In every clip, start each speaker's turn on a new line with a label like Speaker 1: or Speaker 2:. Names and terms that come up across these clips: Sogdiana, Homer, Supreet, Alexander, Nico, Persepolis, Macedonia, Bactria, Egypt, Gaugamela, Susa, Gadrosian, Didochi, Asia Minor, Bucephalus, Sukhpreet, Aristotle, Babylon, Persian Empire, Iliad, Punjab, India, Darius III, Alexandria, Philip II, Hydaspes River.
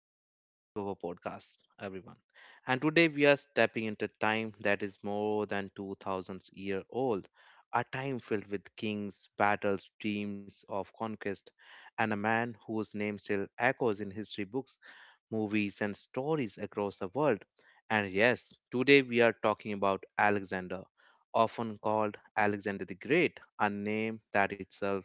Speaker 1: welcome back to our podcast, everyone. And today we are stepping into time that is more than 2000 year old, a time filled with kings, battles, dreams of conquest, and a man whose name still echoes in history books, movies, and stories across the world. And yes, today we are talking about Alexander, often called Alexander the Great, a name that itself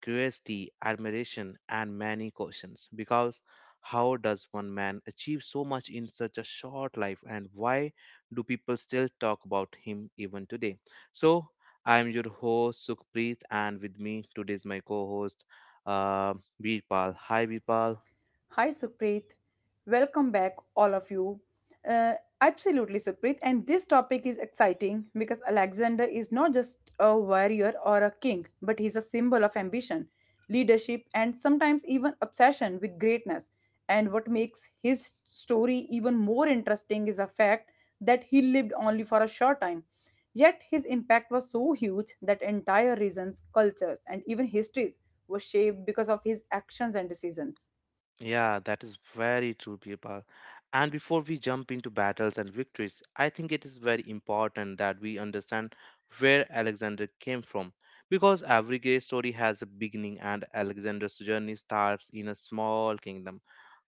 Speaker 1: curiosity, admiration, and many questions. Because how does one man achieve so much in such a short life, and why do people still talk about him even today? So, I am your host Sukhpreet, and with me today is my co host uh, Veerpal. Hi, Veerpal.
Speaker 2: Hi, Supreet. Welcome back, all of you. Uh, Absolutely, Supreet. And this topic is exciting because Alexander is not just a warrior or a king, but he's a symbol of ambition, leadership, and sometimes even obsession with greatness. And what makes his story even more interesting is the fact that he lived only for a short time. Yet his impact was so huge that entire regions, cultures, and even histories were shaped because of his actions and decisions.
Speaker 1: Yeah, that is very true, Birpal. And before we jump into battles and victories, I think it is very important that we understand where Alexander came from. Because every great story has a beginning, and Alexander's journey starts in a small kingdom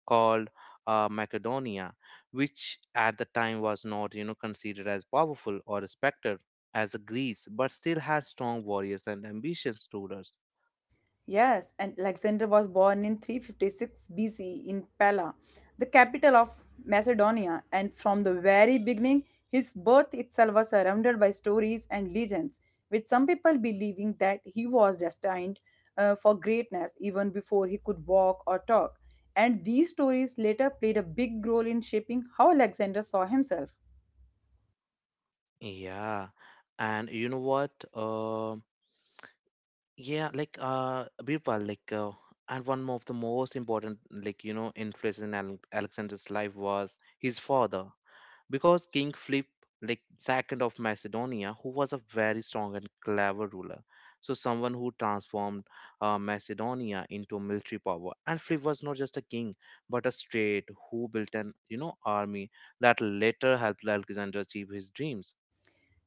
Speaker 1: called Macedonia, which at the time was not, you know, considered as powerful or respected as Greece, but still had strong warriors and ambitious rulers.
Speaker 2: Yes, and Alexander was born in 356 BC in Pella, the capital of Macedonia, and from the very beginning, his birth itself was surrounded by stories and legends, with some people believing that he was destined for greatness even before he could walk or talk. And these stories later played a big role in shaping how Alexander saw himself.
Speaker 1: Yeah, and you know what? Birpal, and one of the most important like you know influence in Alexander's life was his father because King Philip like second of Macedonia who was a very strong and clever ruler, so someone who transformed Macedonia into a military power. And Philip was not just a king but a state who built an you know army that later helped Alexander achieve his dreams.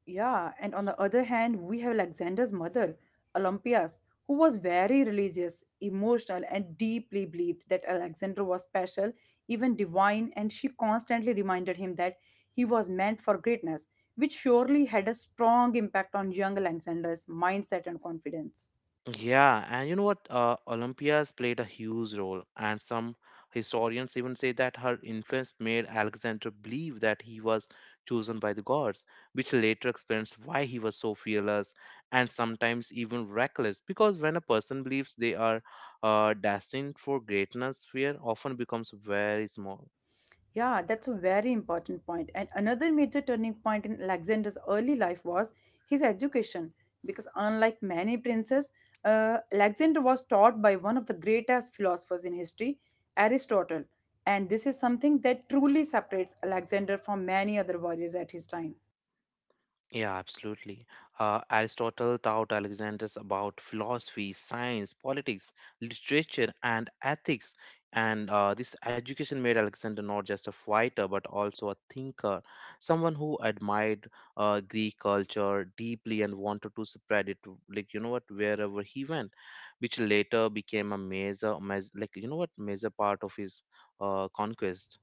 Speaker 2: Yeah, and on the other hand, we have Alexander's mother, Olympias, who was very religious, emotional, and deeply believed that Alexander was special, even divine, and she constantly reminded him that he was meant for greatness, which surely had a strong impact on young Alexander's mindset and confidence.
Speaker 1: Yeah, and you know what? Olympias played a huge role, and some historians even say that her influence made Alexander believe that he was chosen by the gods, which later explains why he was so fearless and sometimes even reckless. Because when a person believes they are destined for greatness, fear often becomes very small.
Speaker 2: Yeah, that's a very important point. And another major turning point in Alexander's early life was his education, because unlike many princes, Alexander was taught by one of the greatest philosophers in history, Aristotle. And this is something that truly separates Alexander from many other warriors at his time.
Speaker 1: Yeah, absolutely. Aristotle taught Alexander's about philosophy, science, politics, literature, and ethics. And this education made Alexander not just a fighter, but also a thinker, someone who admired Greek culture deeply and wanted to spread it, to, like you know what, wherever he went, which later became a major, major like you know what, major part of his conquest.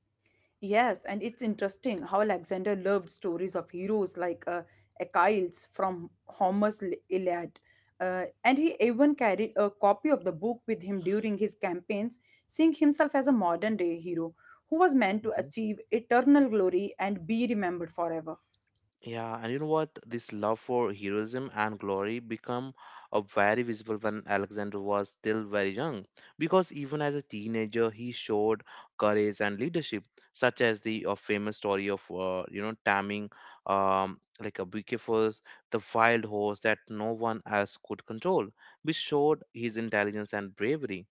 Speaker 2: Yes, and it's interesting how Alexander loved stories of heroes like Achilles from Homer's Iliad. And he even carried a copy of the book with him during his campaigns, seeing himself as a modern day hero who was meant to
Speaker 1: Mm-hmm.
Speaker 2: achieve eternal glory and be remembered forever.
Speaker 1: Yeah, and you know what? This love for heroism and glory become a very visible when Alexander was still very young, because even as a teenager, he showed courage and leadership, such as the famous story of you know taming like a Bucephalus, the wild horse that no one else could control, which showed his intelligence and bravery.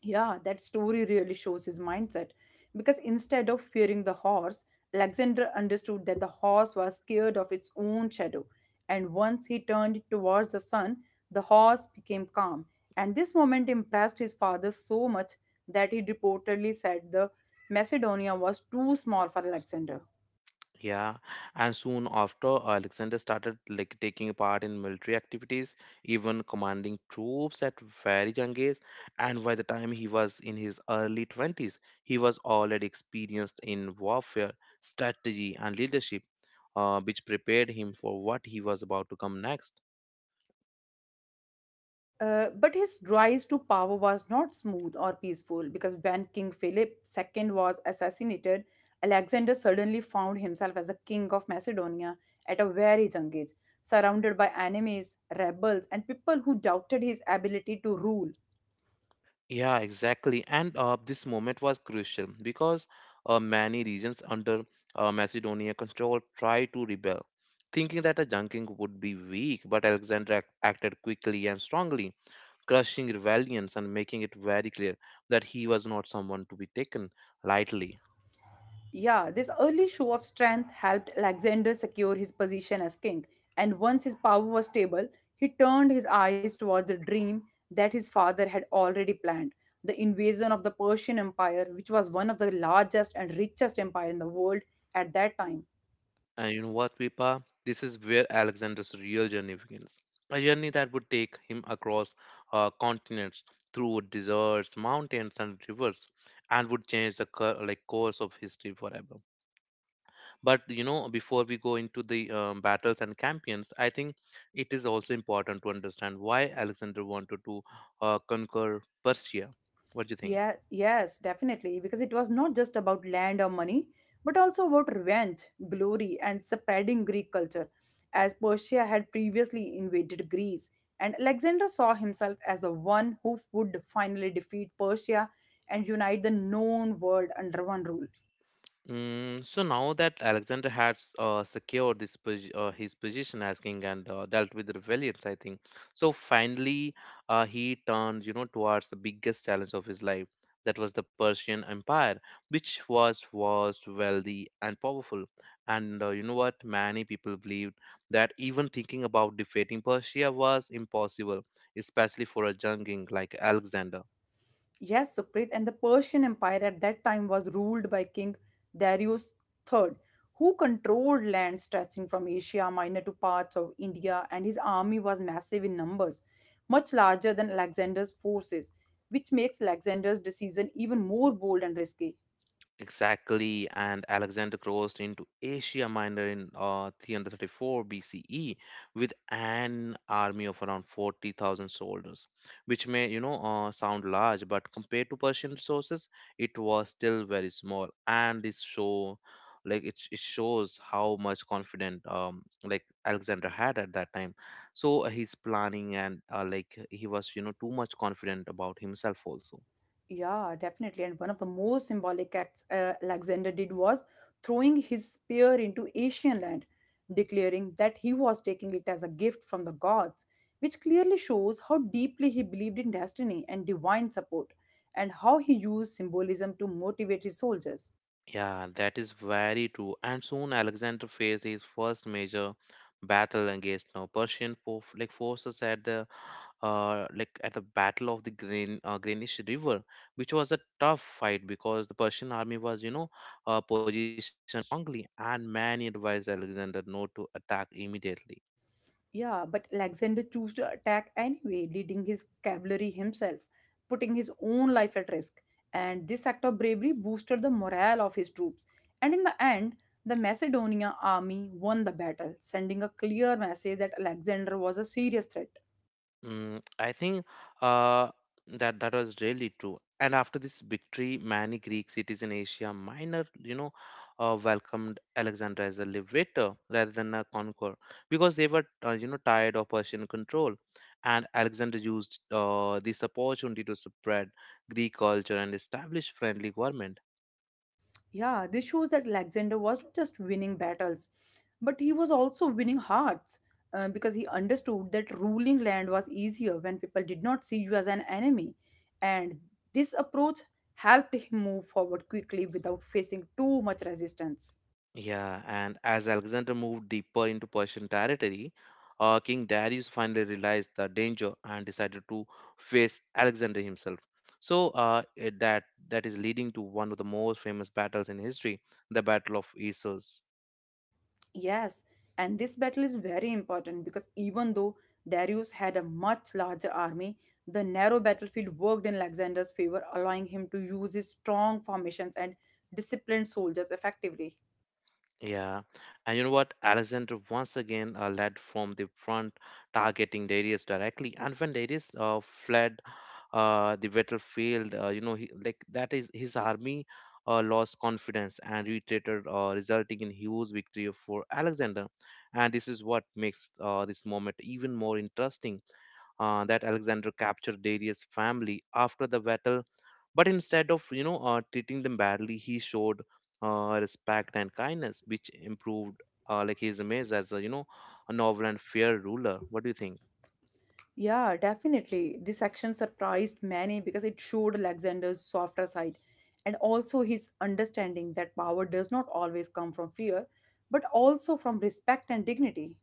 Speaker 2: Yeah, that story really shows his mindset because instead of fearing the horse, Alexander understood that the horse was scared of its own shadow. And once he turned it towards the sun, the horse became calm. And this moment impressed his father so much that he reportedly said the Macedonia was too small for Alexander.
Speaker 1: Yeah, and soon after, Alexander started like taking part in military activities, even commanding troops at very young age. And by the time he was in his early 20s, he was already experienced in warfare, strategy, and leadership, which prepared him for what he was about to come next.
Speaker 2: But his rise to power was not smooth or peaceful because when King Philip II was assassinated, Alexander suddenly found himself as the king of Macedonia at a very young age, surrounded by enemies, rebels, and people who doubted his ability to rule.
Speaker 1: Yeah, exactly. And this moment was crucial because many regions under Macedonia control tried to rebel, thinking that a junking would be weak. But Alexander acted quickly and strongly, crushing rebellions and making it very clear that he was not someone to be taken lightly.
Speaker 2: Yeah, this early show of strength helped Alexander secure his position as king, and once his power was stable, he turned his eyes towards the dream that his father had already planned the invasion of the Persian Empire, which was one of the largest and richest empire in the world at that time.
Speaker 1: And you know what, Vipa? This is where Alexander's real journey begins. A journey that would take him across continents, through deserts, mountains, and rivers, and would change the course of history forever. But you know, before we go into the battles and campaigns, I think it is also important to understand why Alexander wanted to conquer Persia. What do you think?
Speaker 2: Yeah, yes, definitely. Because it was not just about land or money, but also about revenge, glory, and spreading Greek culture, as Persia had previously invaded Greece. And Alexander saw himself as the one who would finally defeat Persia and unite the known world under one rule.
Speaker 1: Mm, so now that Alexander has secured this his position as king and dealt with the rebellions, I think. So finally, he turned, you know, towards the biggest challenge of his life. That was the Persian Empire, which was vast, wealthy, and powerful. And you know what? Many people believed that even thinking about defeating Persia was impossible, especially for a young king like Alexander.
Speaker 2: Yes, Supreet, and the Persian Empire at that time was ruled by King Darius III, who controlled land stretching from Asia Minor to parts of India, and his army was massive in numbers, much larger than Alexander's forces, which makes Alexander's decision even more bold and risky.
Speaker 1: Exactly, and Alexander crossed into Asia Minor in 334 BCE with an army of around 40,000 soldiers, which may, you know, sound large, but compared to Persian resources, it was still very small. And this show, like, it shows how much confident, like Alexander had at that time. So he's planning and like he was, you know, too much confident about himself also.
Speaker 2: Yeah, definitely. And one of the most symbolic acts Alexander did was throwing his spear into Asian land, declaring that he was taking it as a gift from the gods, which clearly shows how deeply he believed in destiny and divine support, and how he used symbolism to motivate his soldiers.
Speaker 1: Yeah, that is very true. And soon Alexander faced his first major battle against now Persian forces at the like at the Battle of the Greenish River, which was a tough fight because the Persian army was you know positioned strongly, and many advised Alexander not to attack immediately.
Speaker 2: Yeah, but Alexander chose to attack anyway, leading his cavalry himself, putting his own life at risk. And this act of bravery boosted the morale of his troops. And in the end, the Macedonia army won the battle, sending a clear message that Alexander was a serious threat.
Speaker 1: Mm, I think uh, that was really true. And after this victory, many Greek cities in Asia Minor, you know, welcomed Alexander as a liberator rather than a conqueror because they were, you know, tired of Persian control. And Alexander used this opportunity to spread Greek culture and establish friendly government.
Speaker 2: Yeah, this shows that Alexander was not just winning battles, but he was also winning hearts because he understood that ruling land was easier when people did not see you as an enemy. And this approach helped him move forward quickly without facing too much resistance.
Speaker 1: Yeah, and as Alexander moved deeper into Persian territory, King Darius finally realized the danger and decided to face Alexander himself. So that is leading to one of the most famous battles in history, the Battle of Issus.
Speaker 2: Yes, and this battle is very important because even though Darius had a much larger army, the narrow battlefield worked in Alexander's favor, allowing him to use his strong formations and disciplined soldiers effectively.
Speaker 1: Yeah, and you know what? Alexander once again led from the front, targeting Darius directly. And when Darius fled the battlefield. You know, he, like that is his army lost confidence and retreated, resulting in huge victory for Alexander. And this is what makes this moment even more interesting. That Alexander captured Darius' family after the battle, but instead of you know treating them badly, he showed respect and kindness, which improved like his image as a you know a novel and fair ruler. What do you think?
Speaker 2: Yeah, definitely. This action surprised many because it showed Alexander's softer side and also his understanding that power does not always come from fear, but also from respect and dignity.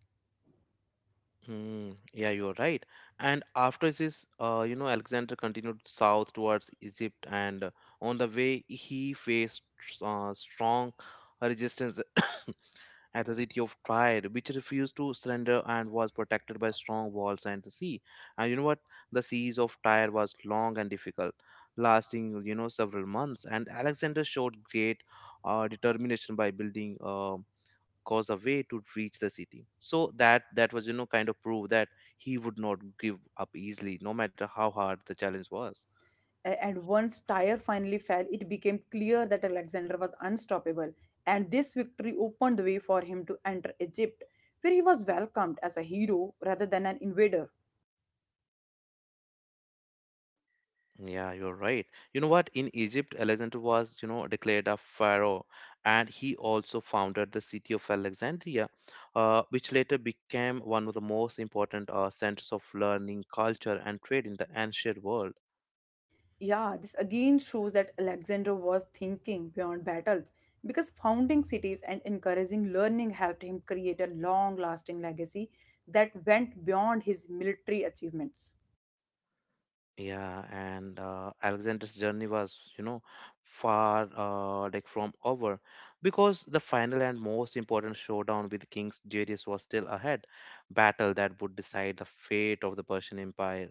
Speaker 1: Mm, yeah, you're right. And after this, you know, Alexander continued south towards Egypt, and on the way, he faced strong resistance at the city of Tyre, which refused to surrender and was protected by strong walls and the sea. And you know what? The siege of Tyre was long and difficult, lasting, you know, several months. And Alexander showed great determination by building cause a way to reach the city, so that that was you know kind of proof that he would not give up easily, no matter how hard the challenge was.
Speaker 2: And once Tyre finally fell, it became clear that Alexander was unstoppable, and this victory opened the way for him to enter Egypt, where he was welcomed as a hero rather than an invader.
Speaker 1: Yeah, you're right. You know what, in Egypt Alexander was you know declared a pharaoh, and he also founded the city of Alexandria, which later became one of the most important centers of learning, culture, and trade in the ancient world.
Speaker 2: Yeah, this again shows that Alexander was thinking beyond battles because founding cities and encouraging learning helped him create a long lasting legacy that went beyond his military achievements.
Speaker 1: Yeah, and Alexander's journey was, you know, far from over, because the final and most important showdown with King Darius was still ahead, battle that would decide the fate of the Persian Empire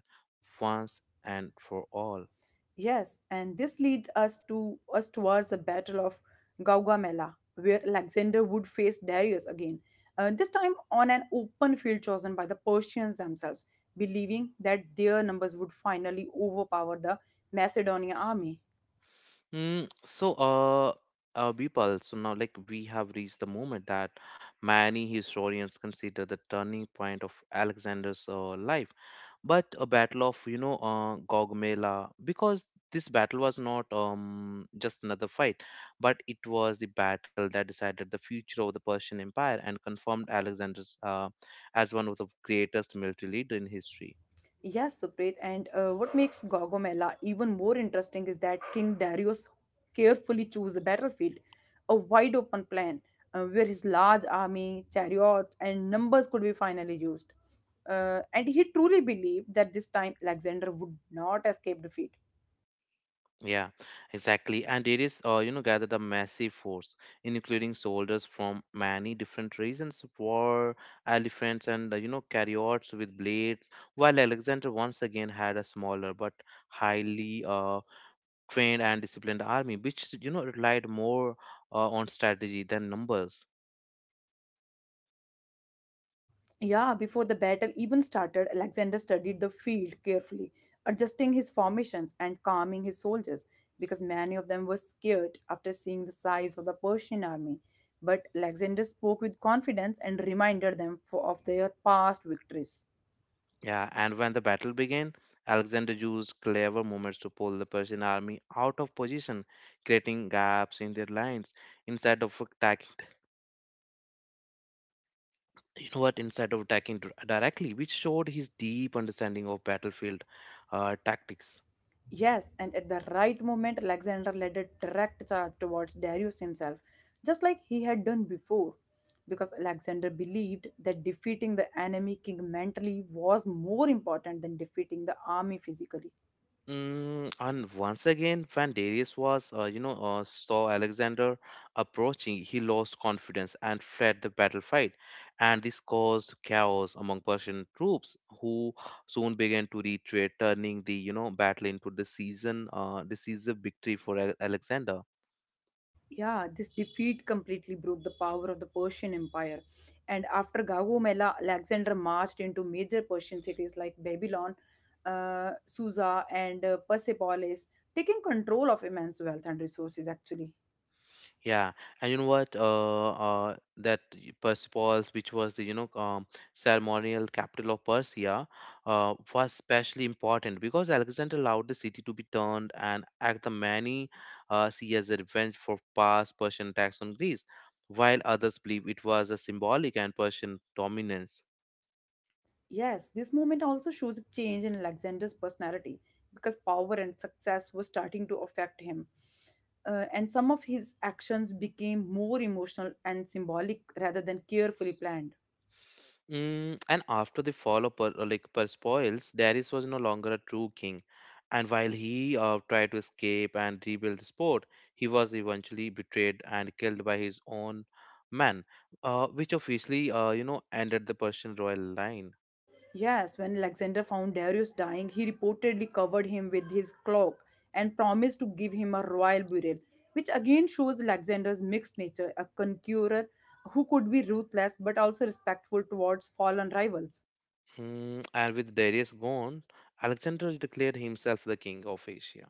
Speaker 1: once and for all.
Speaker 2: Yes, and this leads us to us towards the Battle of Gaugamela, where Alexander would face Darius again, this time on an open field chosen by the Persians themselves, believing that their numbers would finally overpower the Macedonian army.
Speaker 1: So, people, so now like we have reached the moment that many historians consider the turning point of Alexander's life, but a battle of you know Gaugamela, because this battle was not just another fight, but it was the battle that decided the future of the Persian Empire and confirmed Alexander's as one of the greatest military leader in history.
Speaker 2: Yes, Supreet. And what makes Gogomela even more interesting is that King Darius carefully chose the battlefield, a wide open plan where his large army, chariots, and numbers could be finally used. And he truly believed that this time Alexander would not escape defeat.
Speaker 1: Yeah, exactly. And Darius, you know, gathered a massive force, including soldiers from many different regions, war elephants, and you know chariots with blades, while Alexander once again had a smaller but highly trained and disciplined army, which you know relied more on strategy than numbers.
Speaker 2: Yeah, before the battle even started, Alexander studied the field carefully, adjusting his formations and calming his soldiers because many of them were scared after seeing the size of the Persian army. But Alexander spoke with confidence and reminded them for, of their past victories.
Speaker 1: Yeah, and when the battle began, Alexander used clever movements to pull the Persian army out of position, creating gaps in their lines instead of attacking. You know what? Instead of attacking directly, which showed his deep understanding of battlefield tactics.
Speaker 2: Yes, and at the right moment, Alexander led a direct charge towards Darius himself, just like he had done before, because Alexander believed that defeating the enemy king mentally was more important than defeating the army physically.
Speaker 1: Mm, and once again, when Darius was, saw Alexander approaching, he lost confidence and fled the battlefield, and this caused chaos among Persian troops, who soon began to retreat, turning the, you know, battle into the season, decisive victory for Alexander.
Speaker 2: Yeah, this defeat completely broke the power of the Persian Empire. And after Gaugamela, Alexander marched into major Persian cities like Babylon, Susa, and Persepolis, taking control of immense wealth and resources actually.
Speaker 1: Yeah, and you know what? Persepolis, which was the you know ceremonial capital of Persia, was especially important because Alexander allowed the city to be turned and act the many see as a revenge for past Persian attacks on Greece, while others believe it was a symbolic and Persian dominance.
Speaker 2: Yes, this movement also shows a change in Alexander's personality because power and success were starting to affect him. And some of his actions became more emotional and symbolic rather than carefully planned.
Speaker 1: Mm, and after the fall of Persepolis, Darius was no longer a true king, and while he tried to escape and rebuild the sport, he was eventually betrayed and killed by his own men, which officially you know ended the Persian royal line.
Speaker 2: Yes, when Alexander found Darius dying, he reportedly covered him with his cloak and promised to give him a royal burial, which again shows Alexander's mixed nature, a conqueror who could be ruthless but also respectful towards fallen rivals.
Speaker 1: And with Darius gone, Alexander declared himself the king of Asia.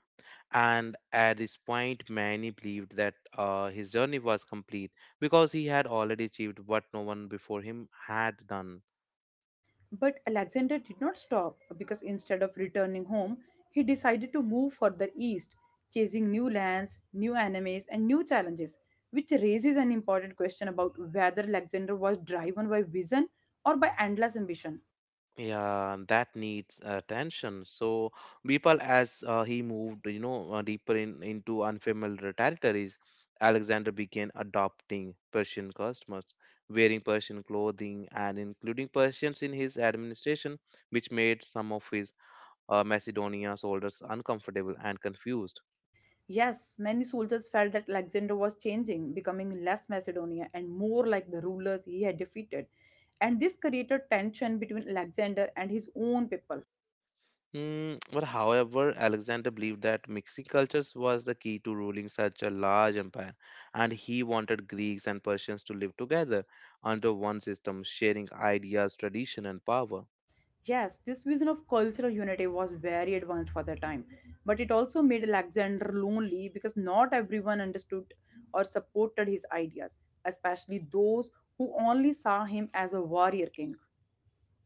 Speaker 1: And at this point, many believed that his journey was complete because he had already achieved what no one before him had done.
Speaker 2: But Alexander did not stop because instead of returning home, he decided to move further east, chasing new lands, new enemies, and new challenges, which raises an important question about whether Alexander was driven by vision or by endless ambition.
Speaker 1: Yeah, that needs attention. So Bipal, as he moved, you know, into unfamiliar territories, Alexander began adopting Persian customers, wearing Persian clothing and including Persians in his administration, which made some of his Macedonia soldiers uncomfortable and confused.
Speaker 2: Yes, many soldiers felt that Alexander was changing, becoming less Macedonia and more like the rulers he had defeated. And this created tension between Alexander and his own people.
Speaker 1: Mm, but however, Alexander believed that mixing cultures was the key to ruling such a large empire, and he wanted Greeks and Persians to live together under one system, sharing ideas, tradition, and power.
Speaker 2: Yes, this vision of cultural unity was very advanced for the time, but it also made Alexander lonely because not everyone understood or supported his ideas, especially those who only saw him as a warrior king.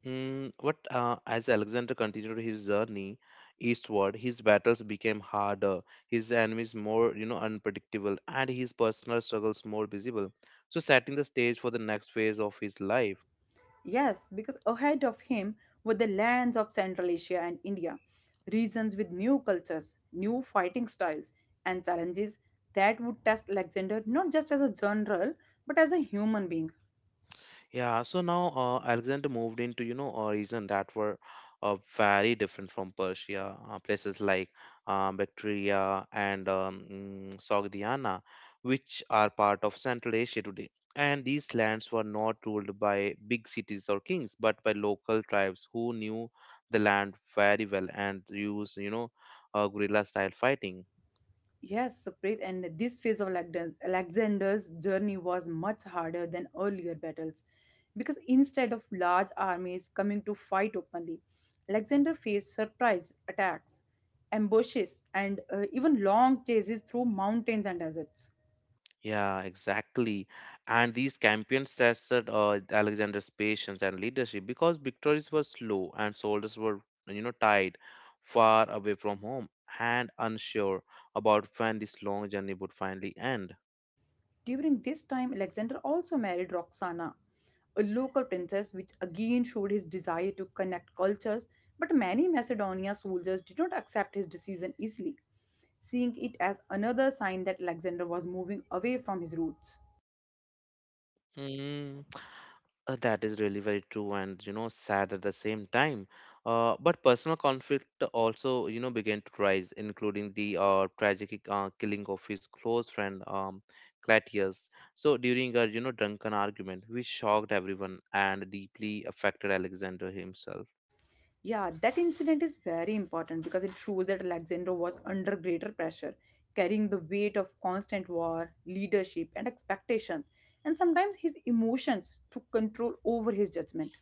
Speaker 1: But as Alexander continued his journey eastward, his battles became harder, his enemies more, you know, unpredictable, and his personal struggles more visible, so setting the stage for the next phase of his life.
Speaker 2: Yes, because ahead of him were the lands of Central Asia and India, regions with new cultures, new fighting styles, and challenges that would test Alexander not just as a general but as a human being.
Speaker 1: Yeah, so now Alexander moved into, you know, a region that were very different from Persia, places like Bactria and Sogdiana, which are part of Central Asia today. And these lands were not ruled by big cities or kings, but by local tribes who knew the land very well and used, you know, guerrilla style fighting.
Speaker 2: Yes, Supreet, and this phase of Alexander's journey was much harder than earlier battles because instead of large armies coming to fight openly, Alexander faced surprise attacks, ambushes, and even long chases through mountains and deserts.
Speaker 1: Yeah, exactly. And these campaigns tested Alexander's patience and leadership because victories were slow and soldiers were, you know, tied far away from home and unsure about when this long journey would finally end.
Speaker 2: During this time, Alexander also married Roxana, a local princess, which again showed his desire to connect cultures, but many Macedonia soldiers did not accept his decision easily, seeing it as another sign that Alexander was moving away from his roots.
Speaker 1: Mm. That is really very true and you know sad at the same time. But personal conflict also you know began to rise, including the tragic killing of his close friend Clatius. So during a you know drunken argument, which shocked everyone and deeply affected Alexander himself.
Speaker 2: Yeah, that incident is very important because it shows that Alexander was under greater pressure, carrying the weight of constant war, leadership, and expectations, and sometimes his emotions took control over his judgment.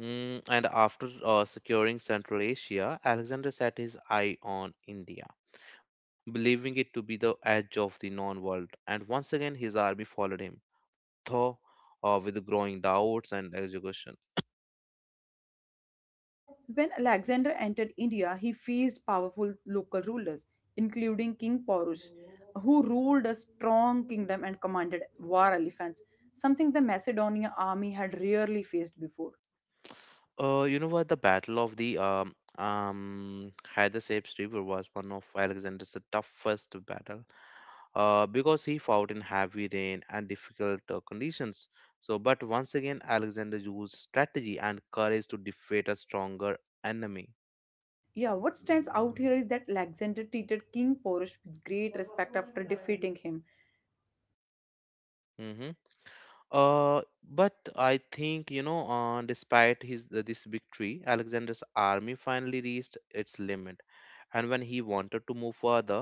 Speaker 1: And after securing Central Asia, Alexander set his eye on India, believing it to be the edge of the known world. And once again, his army followed him though, with growing doubts and execution.
Speaker 2: When Alexander entered India, he faced powerful local rulers, including King Porus, who ruled a strong kingdom and commanded war elephants, something the Macedonian army had rarely faced before.
Speaker 1: You know what? The Battle of the Hydaspes River was one of Alexander's toughest battle because he fought in heavy rain and difficult conditions. So, but once again, Alexander used strategy and courage to defeat a stronger enemy.
Speaker 2: Yeah, what stands out here is that Alexander treated King Porus with great respect after defeating him.
Speaker 1: Hmm. Uh, but I think you know, despite his this victory, Alexander's army finally reached its limit, and when he wanted to move further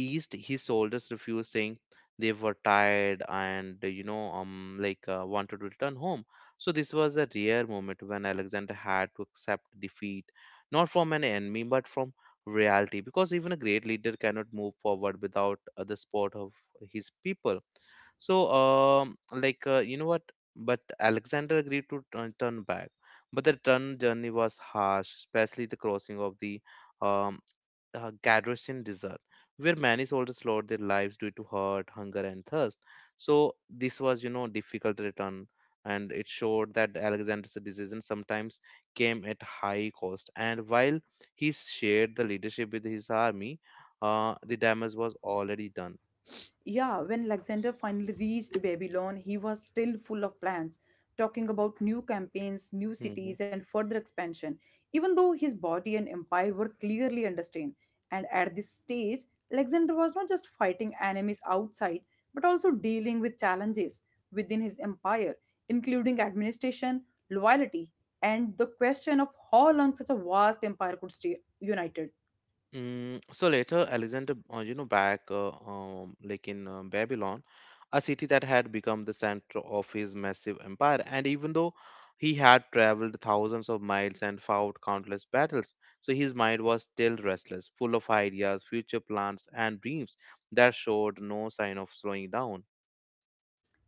Speaker 1: east, his soldiers refused, saying they were tired and you know wanted to return home. So this was a rare moment when Alexander had to accept defeat, not from an enemy but from reality, because even a great leader cannot move forward without the support of his people. So um like uh, you know what, but Alexander agreed to turn back. But the return journey was harsh, especially the crossing of the um, Gadrosian desert, where many soldiers lost their lives due to hurt, hunger, and thirst. So this was, you know, difficult return, and it showed that Alexander's decision sometimes came at high cost. And while he shared the leadership with his army, the damage was already done.
Speaker 2: Yeah, when Alexander finally reached Babylon, he was still full of plans, talking about new campaigns, new
Speaker 1: Hmm, hmm.
Speaker 2: cities, and further expansion, even though his body and empire were clearly understained. And at this stage, Alexander was not just fighting enemies outside, but also dealing with challenges within his empire, including administration, loyalty, and the question of how long such a vast empire could stay united.
Speaker 1: So later, Alexander, you know, back like in Babylon, a city that had become the center of his massive empire. And even though he had traveled thousands of miles and fought countless battles, so his mind was still restless, full of ideas, future plans, and dreams that showed no sign of slowing down.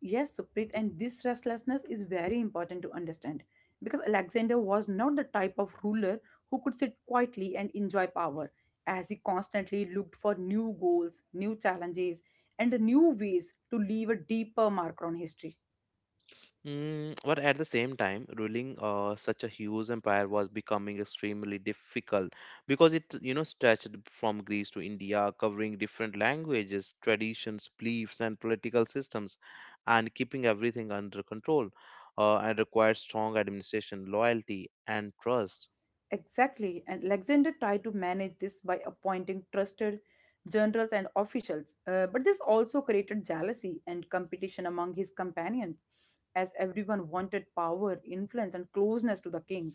Speaker 2: Yes, Sukrit, and this restlessness is very important to understand because Alexander was not the type of ruler who could sit quietly and enjoy power, as he constantly looked for new goals, new challenges, and new ways to leave a deeper mark on history.
Speaker 1: But at the same time, ruling such a huge empire was becoming extremely difficult because it, you know, stretched from Greece to India, covering different languages, traditions, beliefs, and political systems, and keeping everything under control. And required strong administration, loyalty, and trust.
Speaker 2: Exactly, and Alexander tried to manage this by appointing trusted generals and officials, but this also created jealousy and competition among his companions, as everyone wanted power, influence, and closeness to the king.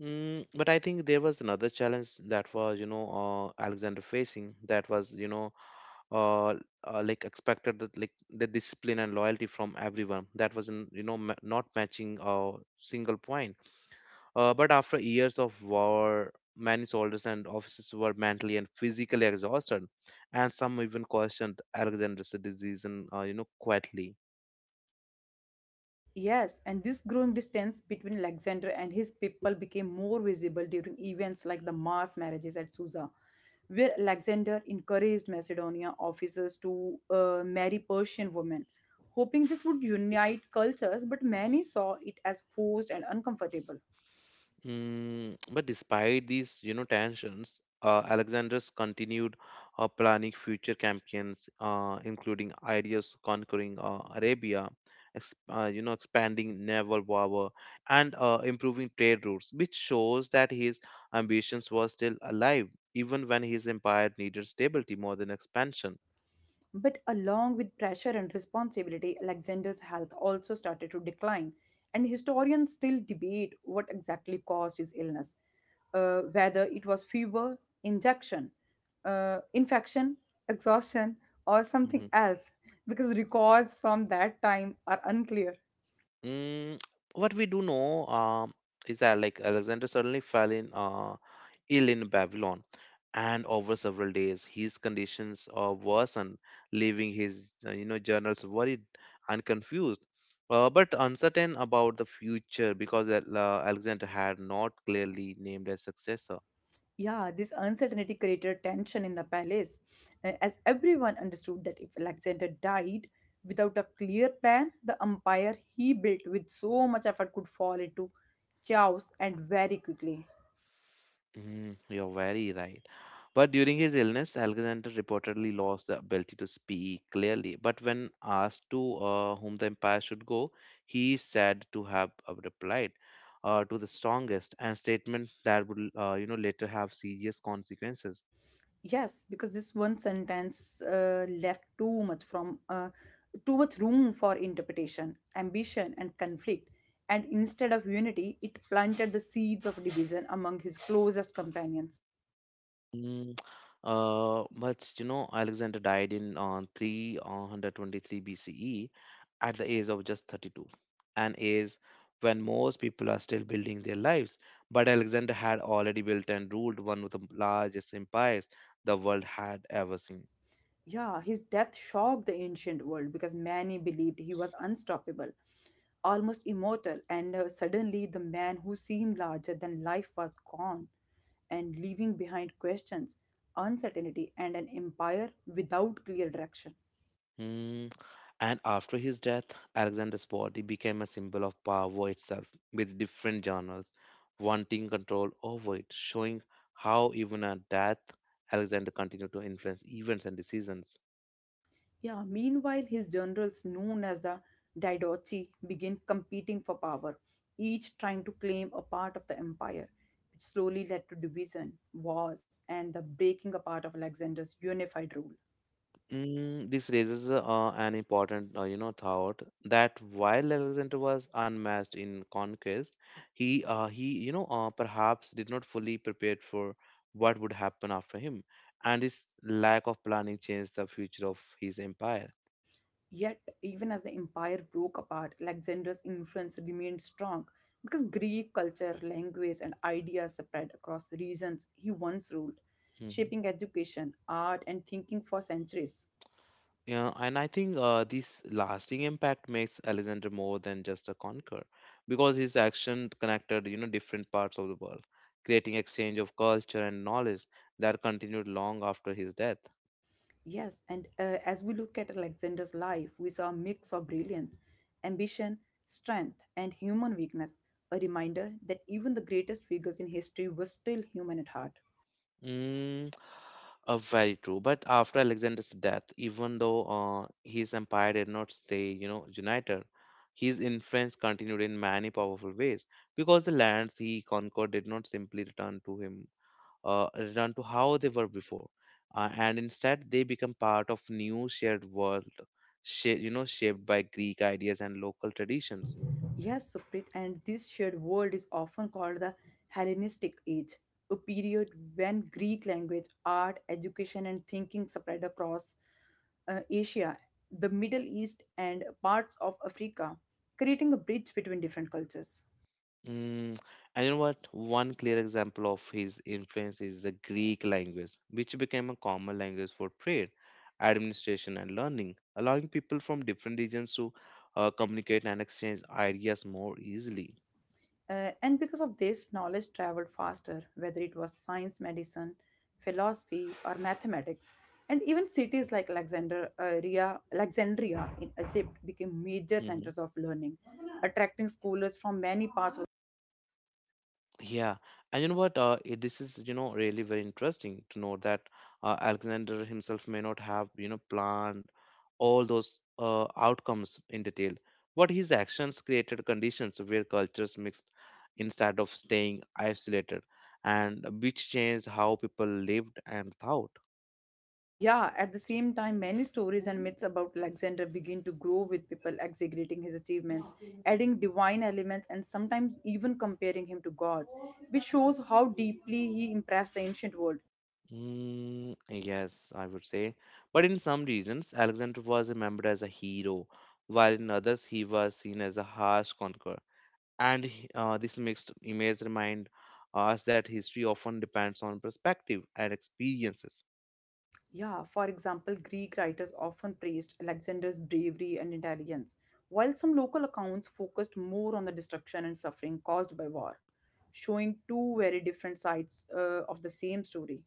Speaker 1: But I think there was another challenge that was, you know, Alexander facing. That was, you know, uh, like expected, that like the discipline and loyalty from everyone that was in, you know not matching a single point. But after years of war, many soldiers and officers were mentally and physically exhausted, and some even questioned Alexander's decision, you know, quietly.
Speaker 2: Yes, and this growing distance between Alexander and his people became more visible during events like the mass marriages at Susa, where Alexander encouraged Macedonia officers to marry Persian women, hoping this would unite cultures, but many saw it as forced and uncomfortable.
Speaker 1: But despite these, you know, tensions, Alexander's continued planning future campaigns, including ideas conquering Arabia, you know, expanding naval power, and improving trade routes, which shows that his ambitions were still alive, even when his empire needed stability more than expansion.
Speaker 2: But along with pressure and responsibility, Alexander's health also started to decline, and historians still debate what exactly caused his illness, whether it was fever, injection, infection, exhaustion, or something
Speaker 1: Mhm.
Speaker 2: else, because records from that time are unclear.
Speaker 1: Mm, what we do know, is that like Alexander suddenly fell in. Ill in Babylon, and over several days his conditions worsened, leaving his you know journals worried and confused, but uncertain about the future because Alexander had not clearly named a successor.
Speaker 2: Yeah, this uncertainty created tension in the palace, as everyone understood that if Alexander died without a clear plan, the empire he built with so much effort could fall into chaos and very quickly.
Speaker 1: Mm, you're very right. But during his illness, Alexander reportedly lost the ability to speak clearly. But when asked to whom the empire should go, he is said to have replied, to the strongest, and statement that would you know later have serious consequences.
Speaker 2: Yes, because this one sentence left too much room for interpretation, ambition, and conflict, and instead of unity, it planted the seeds of division among his closest companions.
Speaker 1: Mm, but you know, Alexander died in 323 BCE at the age of just 32, an age when most people are still building their lives. But Alexander had already built and ruled one of the largest empires the world had ever seen.
Speaker 2: Yeah, his death shocked the ancient world because many believed he was unstoppable, almost immortal, and suddenly the man who seemed larger than life was gone and leaving behind questions, uncertainty, and an empire without clear direction.
Speaker 1: Hmm. And after his death, Alexander's body became a symbol of power itself, with different journals wanting control over it, showing how even at death, Alexander continued to influence events and decisions.
Speaker 2: Yeah, meanwhile, his generals, known as the Didochi, begin competing for power, each trying to claim a part of the empire, which slowly led to division, wars, and the breaking apart of Alexander's unified rule.
Speaker 1: This raises an important, you know, thought that while Alexander was unmatched in conquest, he you know, perhaps did not fully prepare for what would happen after him, and his lack of planning changed the future of his empire.
Speaker 2: Yet, even as the empire broke apart, Alexander's influence remained strong because Greek culture, language, and ideas spread across the regions he once ruled,
Speaker 1: Mhm.
Speaker 2: shaping education, art, and thinking for centuries.
Speaker 1: Yeah, and I think this lasting impact makes Alexander more than just a conqueror, because his action connected, you know, different parts of the world, creating exchange of culture and knowledge that continued long after his death.
Speaker 2: Yes, and as we look at Alexander's life, we saw a mix of brilliance, ambition, strength, and human weakness, a reminder that even the greatest figures in history were still human at heart.
Speaker 1: Mm, Very true. But after Alexander's death, even though his empire did not stay, you know, united, his influence continued in many powerful ways because the lands he conquered did not simply return to him return to how they were before, and instead they become part of new shared world, you know, shaped by Greek ideas and local traditions.
Speaker 2: Yes, Suprit, and this shared world is often called the Hellenistic Age, a period when Greek language, art, education, and thinking spread across Asia, the Middle East, and parts of Africa, creating a bridge between different cultures.
Speaker 1: Mm, and you know what? One clear example of his influence is the Greek language, which became a common language for trade, administration, and learning, allowing people from different regions to communicate and exchange ideas more easily.
Speaker 2: And because of this, knowledge traveled faster, whether it was science, medicine, philosophy, or mathematics. And even cities like Alexandria in Egypt became major
Speaker 1: Mm-hmm.
Speaker 2: centers of learning, attracting scholars from many parts of
Speaker 1: Yeah, and you know what? This is, you know, really very interesting to know that Alexander himself may not have, you know, planned all those outcomes in detail, but his actions created conditions where cultures mixed instead of staying isolated, and which changed how people lived and thought.
Speaker 2: yeah, at the same time, many stories and myths about Alexander begin to grow with people exaggerating his achievements, adding divine elements, and sometimes even comparing him to gods, which shows how deeply he impressed the ancient world.
Speaker 1: Mm, yes, I would say. But in some regions, Alexander was remembered as a hero, while in others, he was seen as a harsh conqueror, and this mixed image remind us that history often depends on perspective and experiences.
Speaker 2: Yeah, for example, Greek writers often praised Alexander's bravery and intelligence, while some local accounts focused more on the destruction and suffering caused by war, showing two very different sides of the same story.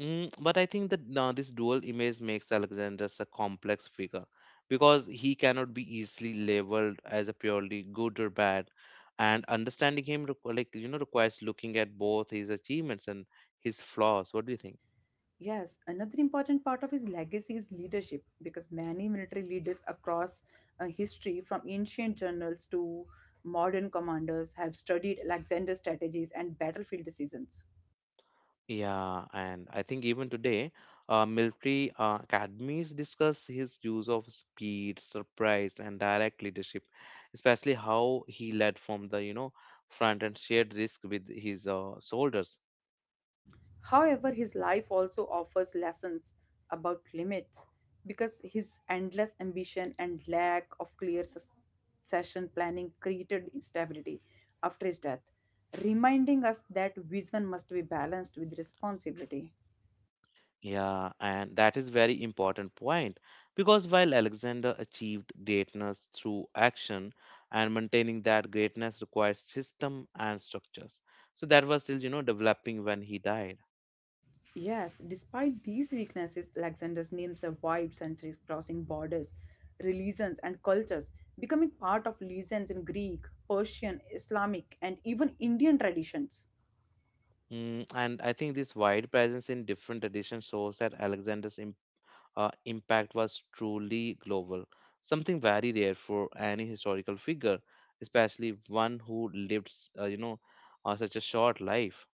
Speaker 1: But I think that this dual image makes Alexander a complex figure because he cannot be easily labeled as a purely good or bad, and understanding him like you know requires looking at both his achievements and his flaws. What do you think?
Speaker 2: Yes, another important part of his legacy is leadership because many military leaders across history, from ancient generals to modern commanders, have studied Alexander's strategies and battlefield decisions.
Speaker 1: Yeah, and I think even today, military academies discuss his use of speed, surprise, and direct leadership, especially how he led from the, you know, front and shared risk with his soldiers.
Speaker 2: However, his life also offers lessons about limits because his endless ambition and lack of clear succession planning created instability after his death, reminding us that vision must be balanced with responsibility.
Speaker 1: Yeah, and that is very important point because while Alexander achieved greatness through action, and maintaining that greatness requires system and structures. So that was still, you know, developing when he died.
Speaker 2: Yes, despite these weaknesses, Alexander's name survived centuries crossing borders, religions, and cultures, becoming part of legends in Greek, Persian, Islamic, and even Indian traditions.
Speaker 1: And I think this wide presence in different editions shows that Alexander's impact was truly global, something very rare for any historical figure, especially one who lived, you know, such a short life.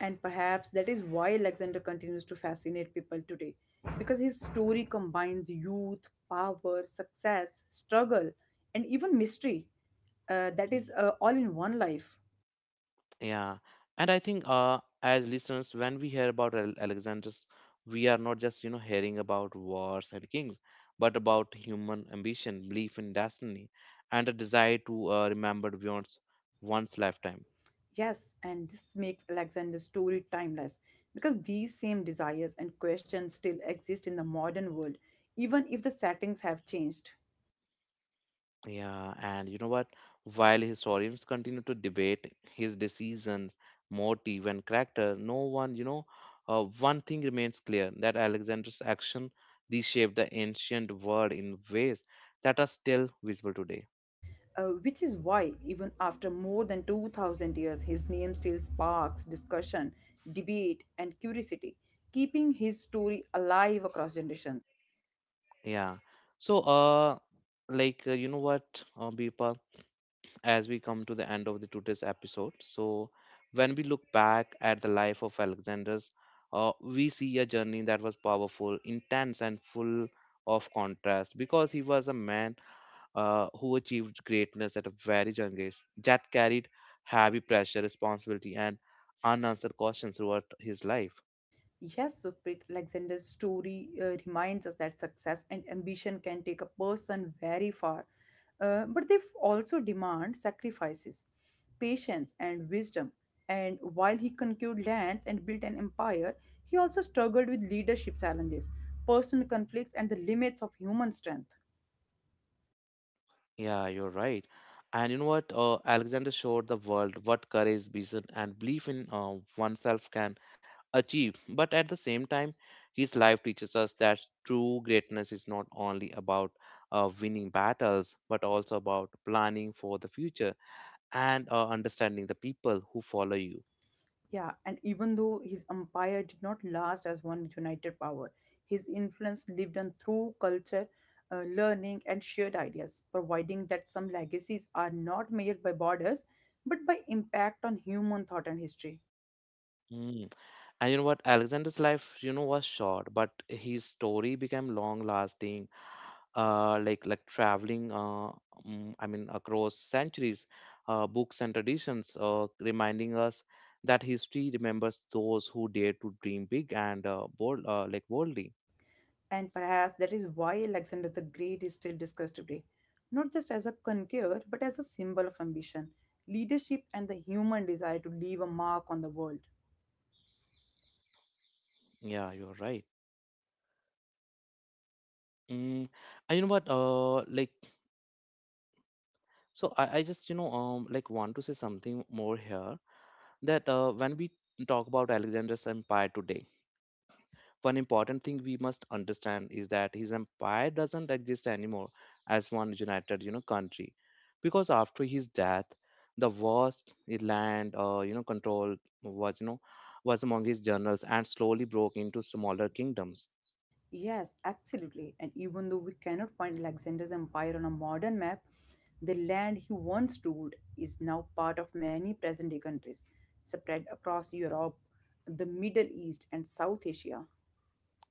Speaker 2: And perhaps that is why Alexander continues to fascinate people today, because his story combines youth, power, success, struggle, and even mystery. Uh, that
Speaker 1: Mm.
Speaker 2: is uh, all in one life.
Speaker 1: Yeah, and I think as listeners, when we hear about Alexander's, we are not just you know hearing about wars and kings, but about human ambition, belief in destiny, and a desire to remember beyond one's lifetime.
Speaker 2: Yes, and this makes Alexander's story timeless, because these same desires and questions still exist in the modern world, even if the settings have changed.
Speaker 1: Yeah, and you know what? While historians continue to debate his decisions, motive, and character, no one, you know, one thing remains clear that Alexander's action reshaped the ancient world in ways that are still visible today.
Speaker 2: Which is why, even after more than 2000 years, his name still sparks discussion, debate, and curiosity, keeping his story alive across generations.
Speaker 1: Yeah. So you know what, Birpal? As we come to the end of the today's episode. So, when we look back at the life of Alexander's, we see a journey that was powerful, intense, and full of contrast, because he was a man who achieved greatness at a very young age, that carried heavy pressure, responsibility, and unanswered questions throughout his life.
Speaker 2: Yes, Supreet Alexander's story reminds us that success and ambition can take a person very far, but they also demand sacrifices, patience, and wisdom. And while he conquered lands and built an empire, he also struggled with leadership challenges, personal conflicts, and the limits of human strength.
Speaker 1: Yeah, you're right. And you know what? Alexander showed the world what courage, vision, and belief in oneself can achieve. But at the same time, his life teaches us that true greatness is not only about winning battles, but also about planning for the future and understanding the people who follow you.
Speaker 2: Yeah, and even though his empire did not last as one united power, his influence lived on through culture, learning, and shared ideas, providing that some legacies are not measured by borders but by impact on human thought and history.
Speaker 1: Mm. And you know what? Alexander's life, you know, was short, but his story became long lasting, like traveling I mean across centuries, books and traditions, reminding us that history remembers those who dare to dream big and boldly.
Speaker 2: And perhaps that is why Alexander the Great is still discussed today, not just as a conqueror but as a symbol of ambition, leadership, and the human desire to leave a mark on the world.
Speaker 1: Yeah, you're right. Mm, and you know what, so I just you know want to say something more here, that when we talk about Alexander's empire today. One important thing we must understand is that his empire doesn't exist anymore as one united, you know, country, because after his death, the vast land, you know, control was, you know, was among his generals and slowly broke into smaller kingdoms.
Speaker 2: Yes, absolutely. And even though we cannot find Alexander's empire on a modern map, the land he once ruled is now part of many present day countries, spread across Europe, the Middle East, and South Asia.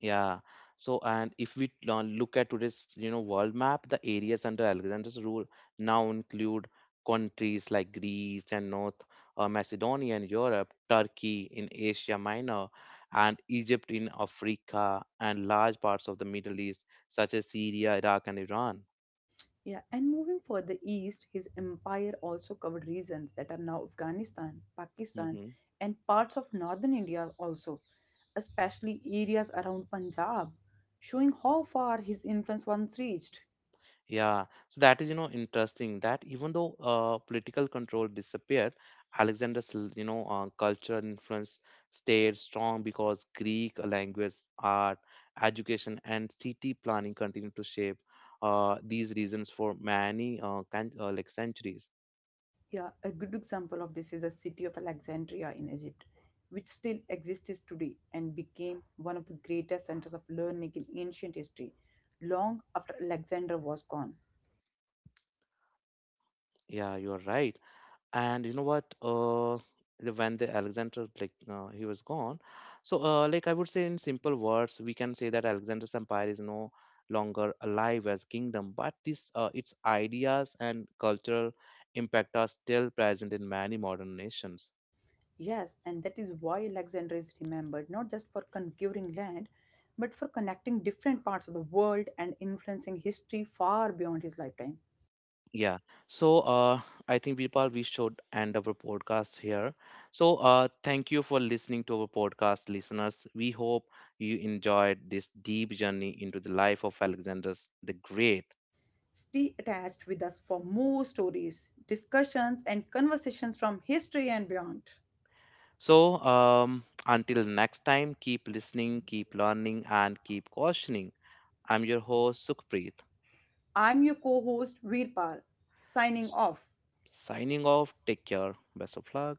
Speaker 1: Yeah. So, and if we look at today's, you know, world map, the areas under Alexander's rule now include countries like Greece and North Macedonia in Europe, Turkey in Asia Minor, and Egypt in Africa, and large parts of the Middle East, such as Syria, Iraq, and Iran.
Speaker 2: Yeah, and moving further east, his empire also covered regions that are now Afghanistan, Pakistan,
Speaker 1: Hmm.
Speaker 2: and parts of northern India also, especially areas around Punjab, showing how far his influence once reached.
Speaker 1: Yeah, so that is, you know, interesting that even though political control disappeared, Alexander's you know, cultural influence stayed strong because Greek language, art, education, and city planning continued to shape these regions for many like centuries.
Speaker 2: Yeah, a good example of this is the city of Alexandria in Egypt, which still exists today and became one of the greatest centers of learning in ancient history long after Alexander was gone.
Speaker 1: Yeah, you are right. And you know what, when the Alexander, he was gone, so, like I would say in simple words, we can say that Alexander's empire is no longer alive as kingdom, but this its ideas and cultural impact are still present in many modern nations.
Speaker 2: Yes, and that is why Alexandria is remembered not just for conquering land, but for connecting different parts of the world and influencing history far beyond his lifetime.
Speaker 1: Yeah, so, I think people we should end our podcast here. So, thank you for listening to our podcast listeners. We hope you enjoyed this deep journey into the life of Alexander the Great.
Speaker 2: Stay attached with us for more stories, discussions, and conversations from history and beyond.
Speaker 1: So, until next time, keep listening, keep learning, and keep questioning. I'm your host, Sukhpreet.
Speaker 2: I'm your co host, Veerpal, signing
Speaker 1: S-
Speaker 2: off.
Speaker 1: Signing off. Take care. Best of luck.